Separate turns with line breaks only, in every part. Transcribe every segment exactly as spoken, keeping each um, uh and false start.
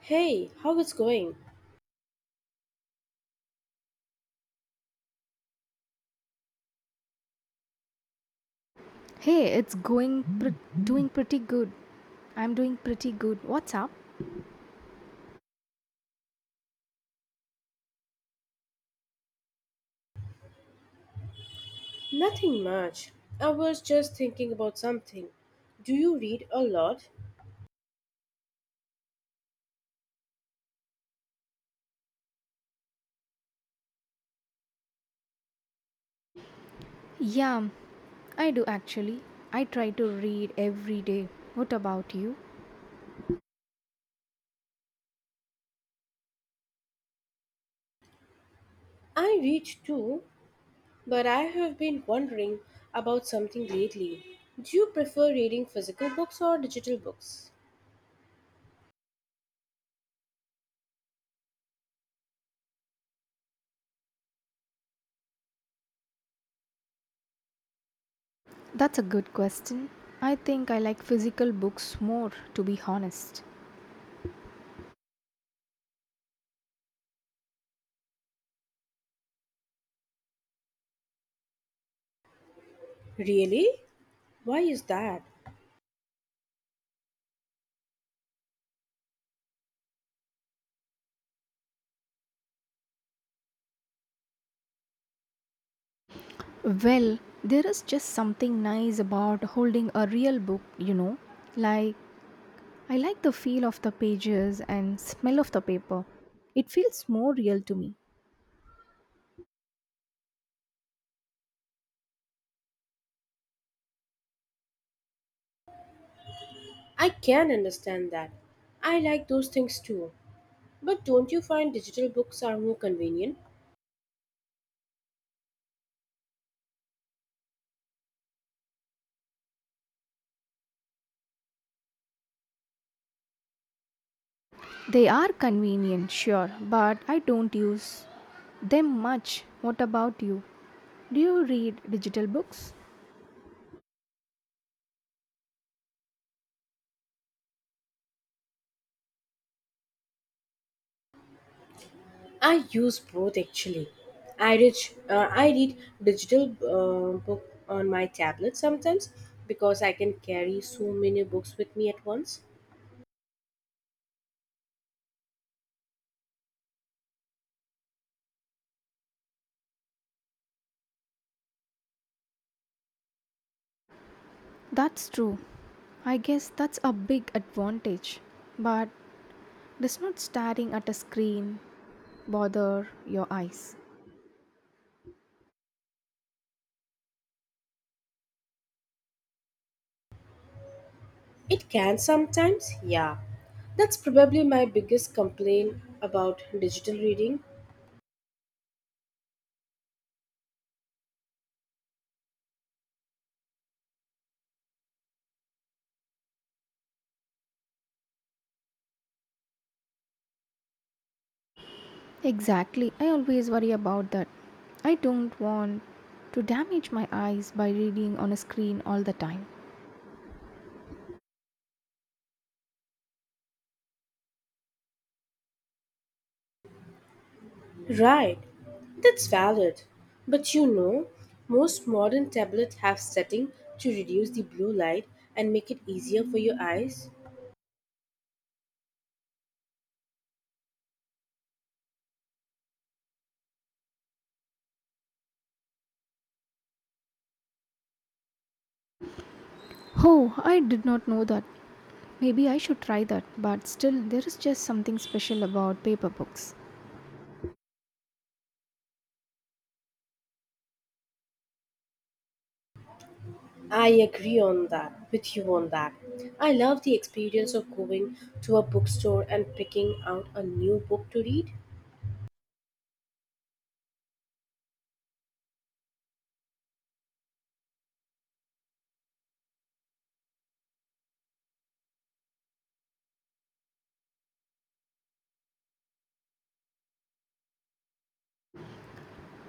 Hey, how is going?
Hey, it's going pr- doing pretty good. I'm doing pretty good. What's up?
Nothing much. I was just thinking about something. Do you read a lot?
Yeah, I do actually. I try to read every day. What about you?
I read too, but I have been wondering about something lately. Do you prefer reading physical books or digital books?
That's a good question. I think I like physical books more, to be honest.
Really? Why is that?
Well, there is just something nice about holding a real book, you know. Like, I like the feel of the pages and smell of the paper. It feels more real to me.
I can understand that. I like those things too. But don't you find digital books are more convenient?
They are convenient, sure, but I don't use them much. What about you? Do you read digital books?
I use both actually. I read, uh, I read digital uh, book on my tablet sometimes because I can carry so many books with me at once.
That's true. I guess that's a big advantage. But does not staring at a screen bother your eyes?
It can sometimes, yeah. That's probably my biggest complaint about digital reading.
Exactly. I always worry about that. I don't want to damage my eyes by reading on a screen all the time.
Right. That's valid. But you know, most modern tablets have setting to reduce the blue light and make it easier for your eyes.
Oh, I did not know that. Maybe I should try that, but still, there is just something special about paper books.
I agree on that with you on that. I love the experience of going to a bookstore and picking out a new book to read.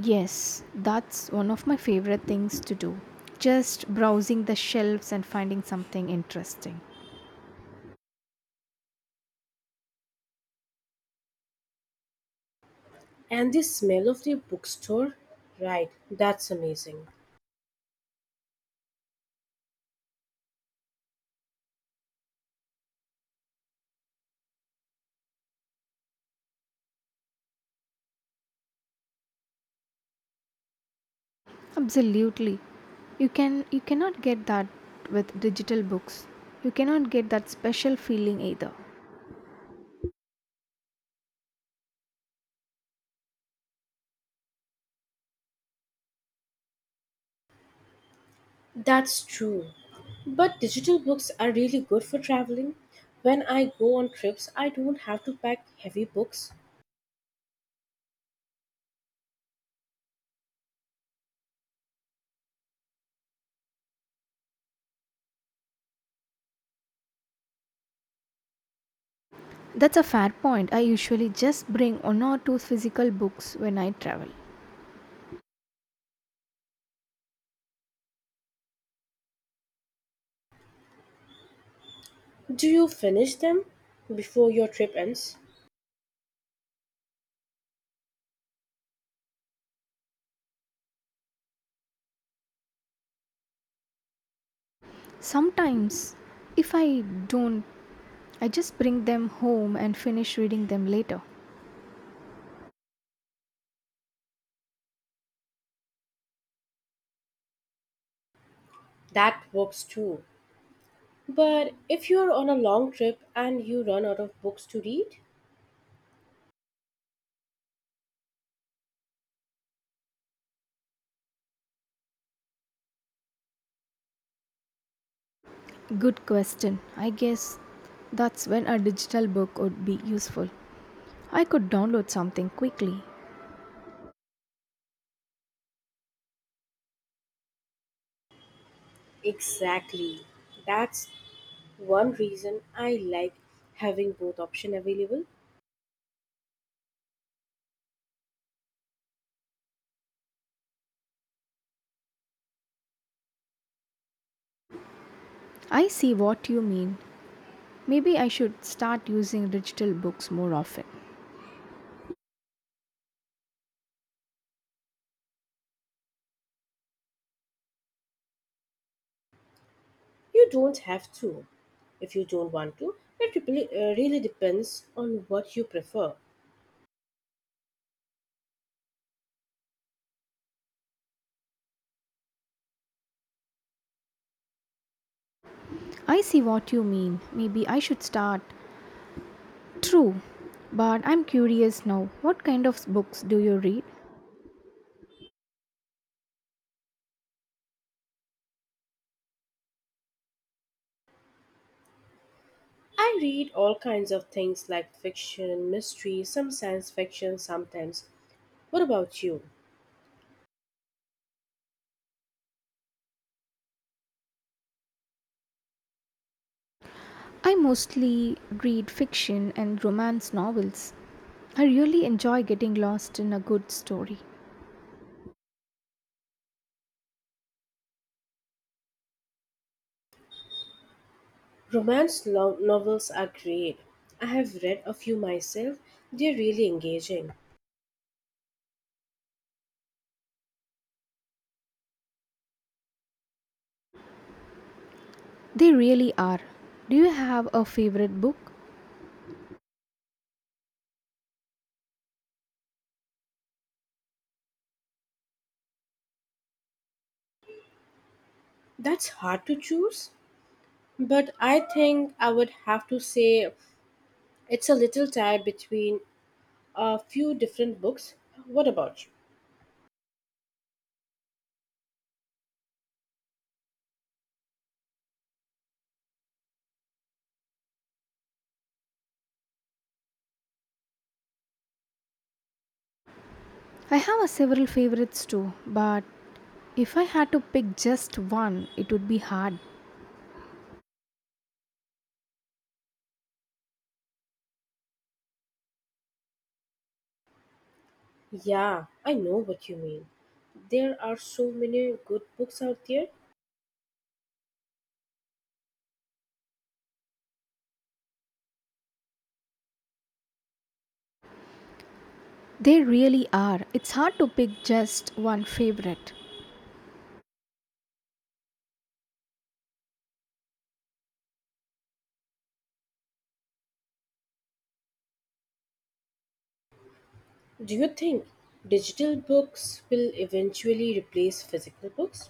Yes, that's one of my favorite things to do. Just browsing the shelves and finding something interesting.
And the smell of the bookstore, right, that's amazing.
Absolutely. You can you cannot get that with digital books. You cannot get that special feeling either.
That's true. But digital books are really good for traveling. When I go on trips, I don't have to pack heavy books.
That's a fair point. I usually just bring one or two physical books when I travel.
Do you finish them before your trip ends?
Sometimes, if I don't, I just bring them home and finish reading them later.
That works too. But if you're on a long trip and you run out of books to read,
Good question. I guess that's when a digital book would be useful. I could download something quickly.
exactly. That's one reason I like having both option available.
I see what you mean. Maybe I should start using digital books more often.
You don't have to if you don't want to. It really, uh, really depends on what you prefer.
I see what you mean. Maybe I should start. True. But I'm curious now. What kind of books do you read?
I read all kinds of things like fiction, mystery, some science fiction sometimes. What about you?
I mostly read fiction and romance novels. I really enjoy getting lost in a good story.
Romance lo- novels are great. I have read a few myself. They're really engaging.
They really are. Do you have a favorite book?
That's hard to choose, but I think I would have to say it's a little tied between a few different books. What about you?
I have a several favorites too, but if I had to pick just one, it would be hard.
Yeah, I know what you mean. There are so many good books out there.
They really are. It's hard to pick just one favorite.
Do you think digital books will eventually replace physical books?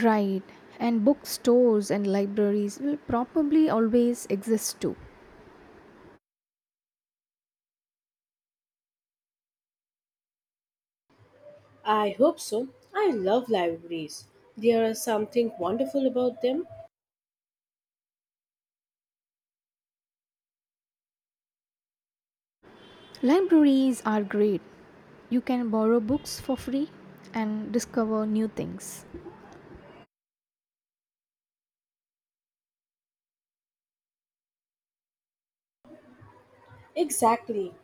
Right. And bookstores and libraries will probably always exist too.
I hope so. I love libraries. There is something wonderful about them.
Libraries are great. You can borrow books for free and discover new things.
Exactly.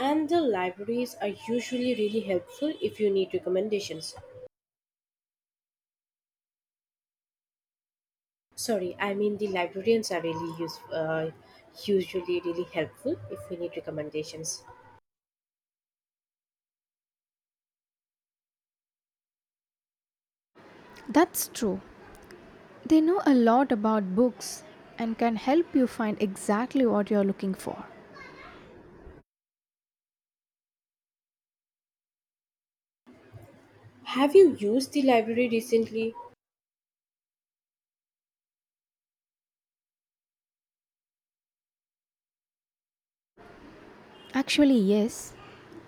And the libraries are usually really helpful if you need recommendations. Sorry, I mean the librarians are really use, uh, usually really helpful if we need recommendations.
That's true. They know a lot about books and can help you find exactly what you're looking for.
Have you used the library recently?
Actually, yes.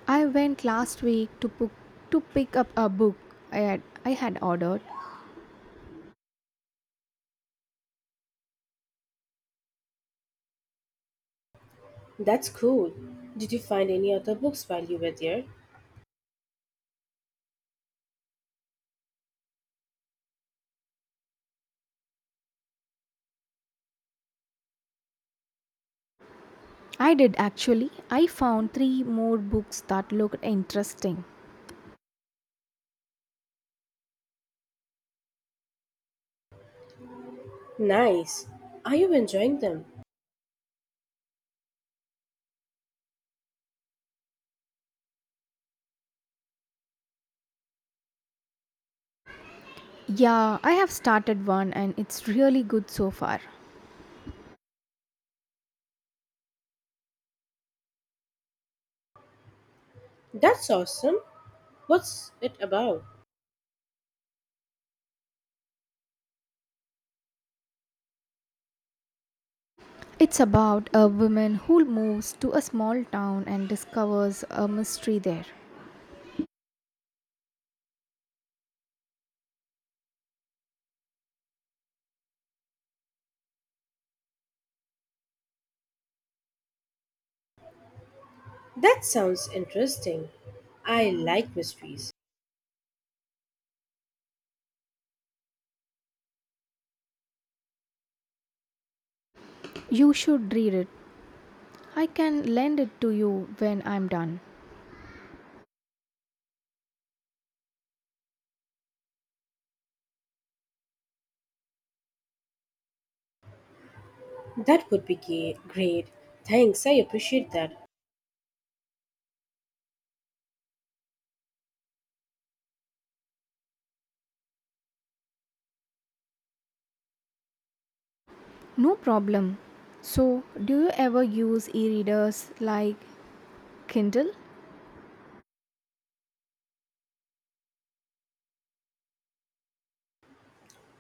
I went last week to book, to pick up a book I had I had ordered.
That's cool. Did you find any other books while you were there?
I did actually. I found three more books that looked interesting.
Nice. Are you enjoying them?
Yeah, I have started one and it's really good so far.
That's awesome. What's it about?
It's about a woman who moves to a small town and discovers a mystery there.
That sounds interesting. I like mysteries.
You should read it. I can lend it to you when I'm done.
That would be ga- great. Thanks, I appreciate that.
No problem. So, do you ever use e readers like Kindle?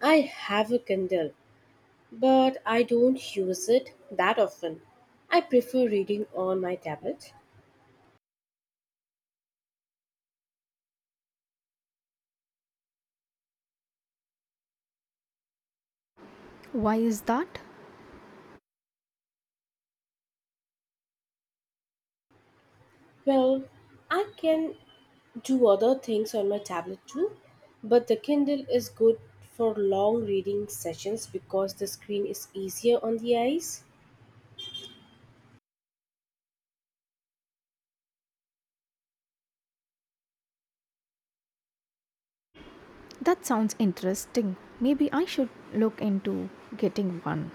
I have a Kindle, but I don't use it that often. I prefer reading on my tablet.
Why is that?
Well, I can do other things on my tablet too, but the Kindle is good for long reading sessions because the screen is easier on the eyes.
That sounds interesting. Maybe I should look into getting one.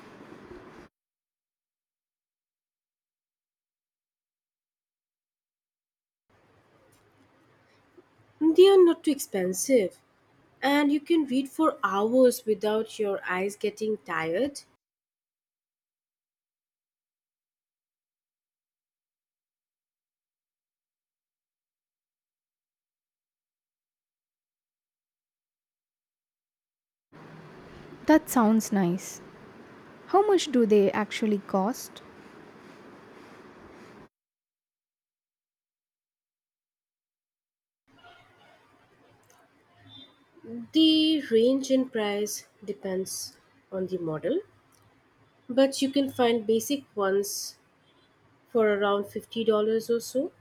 They are not too expensive, and you can read for hours without your eyes getting tired.
That sounds nice. How much do they actually cost?
The range in price depends on the model, but you can find basic ones for around fifty dollars or so?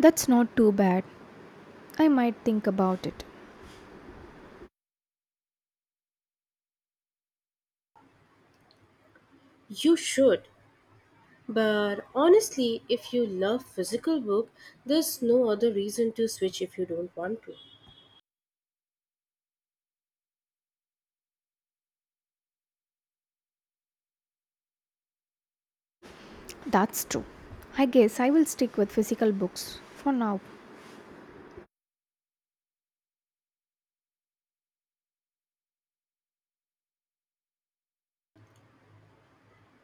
That's not too bad. I might think about it.
You should. But honestly, if you love physical book, there's no other reason to switch if you don't want to.
That's true. I guess I will stick with physical books for now.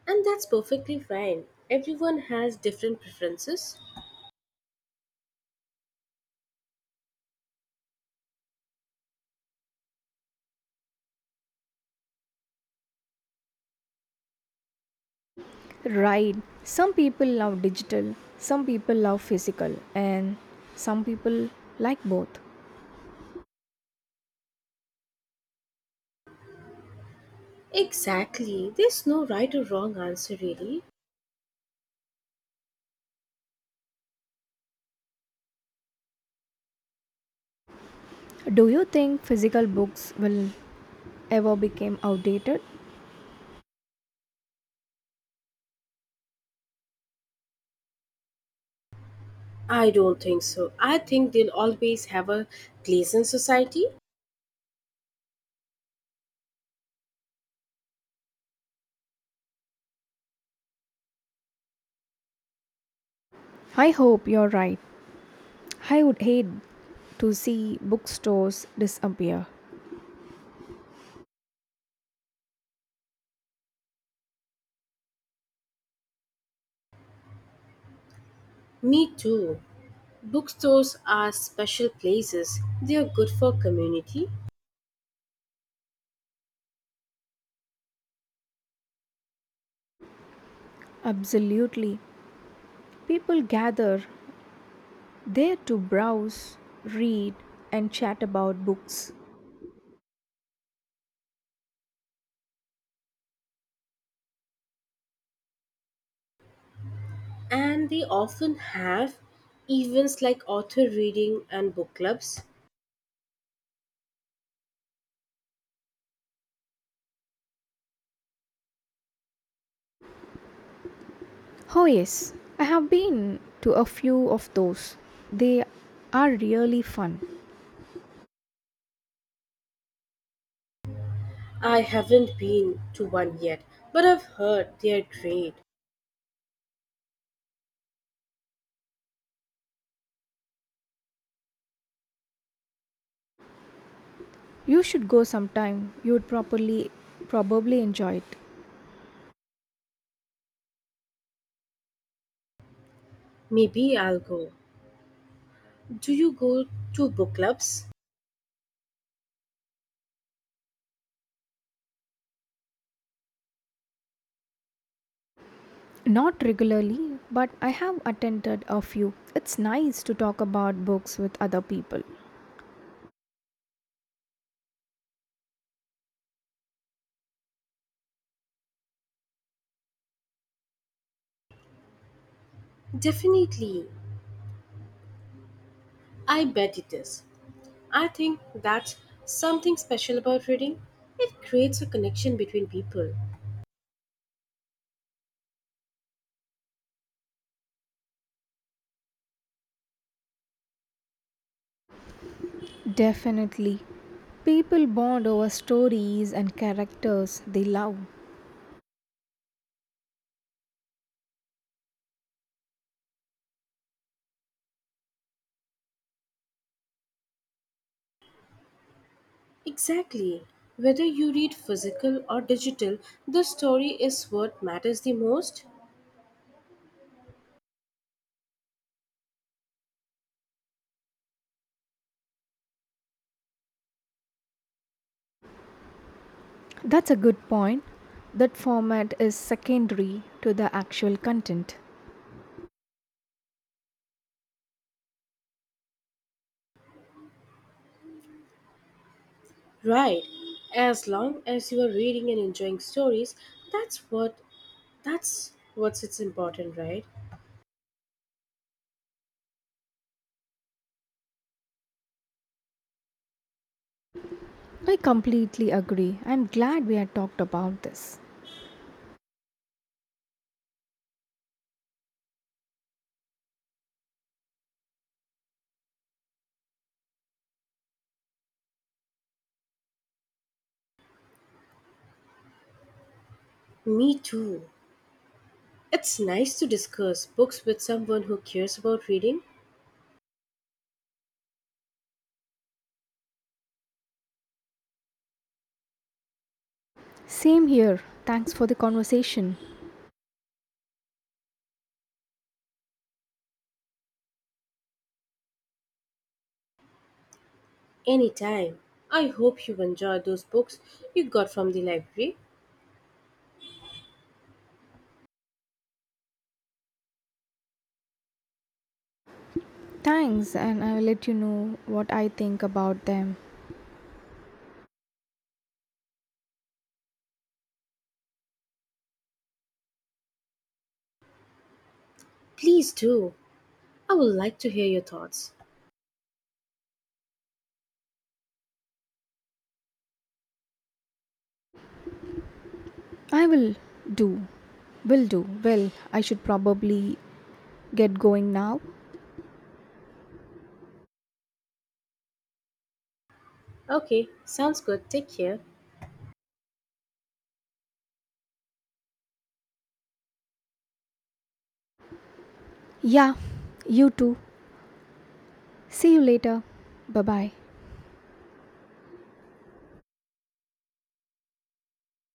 And that's perfectly fine. Everyone has different preferences.
Right. Some people love digital, some people love physical, and some people like both.
Exactly. There's no right or wrong answer really.
Do you think physical books will ever become outdated?
I don't think so. I think they'll always have a place in society.
I hope you're right. I would hate to see bookstores disappear.
Me too. Bookstores are special places. They are good for community.
Absolutely. People gather there to browse, read, and chat about books.
And they often have events like author reading and book clubs.
Oh, yes, I have been to a few of those. They are really fun.
I haven't been to one yet, but I've heard they're great.
You should go sometime. You would properly, probably enjoy it.
Maybe I'll go. Do you go to book clubs?
Not regularly, but I have attended a few. It's nice to talk about books with other people.
Definitely. I bet it is. I think that's something special about reading. It creates a connection between people.
Definitely. People bond over stories and characters they love.
Exactly. Whether you read physical or digital, the story is what matters the most.
That's a good point. That format is secondary to the actual content.
Right. As long as you are reading and enjoying stories, that's what that's what's it's important, right?
I completely agree. I'm glad we had talked about this.
Me too. It's nice to discuss books with someone who cares about reading
Same here. Thanks for the conversation.
anytime. I hope you enjoyed those books you got from the library.
Thanks, and I will let you know what I think about them.
Please do. I would like to hear your thoughts.
I will do. Will do. Well, I should probably get going now.
Okay, sounds good. Take care.
Yeah, you too. See you later. Bye bye.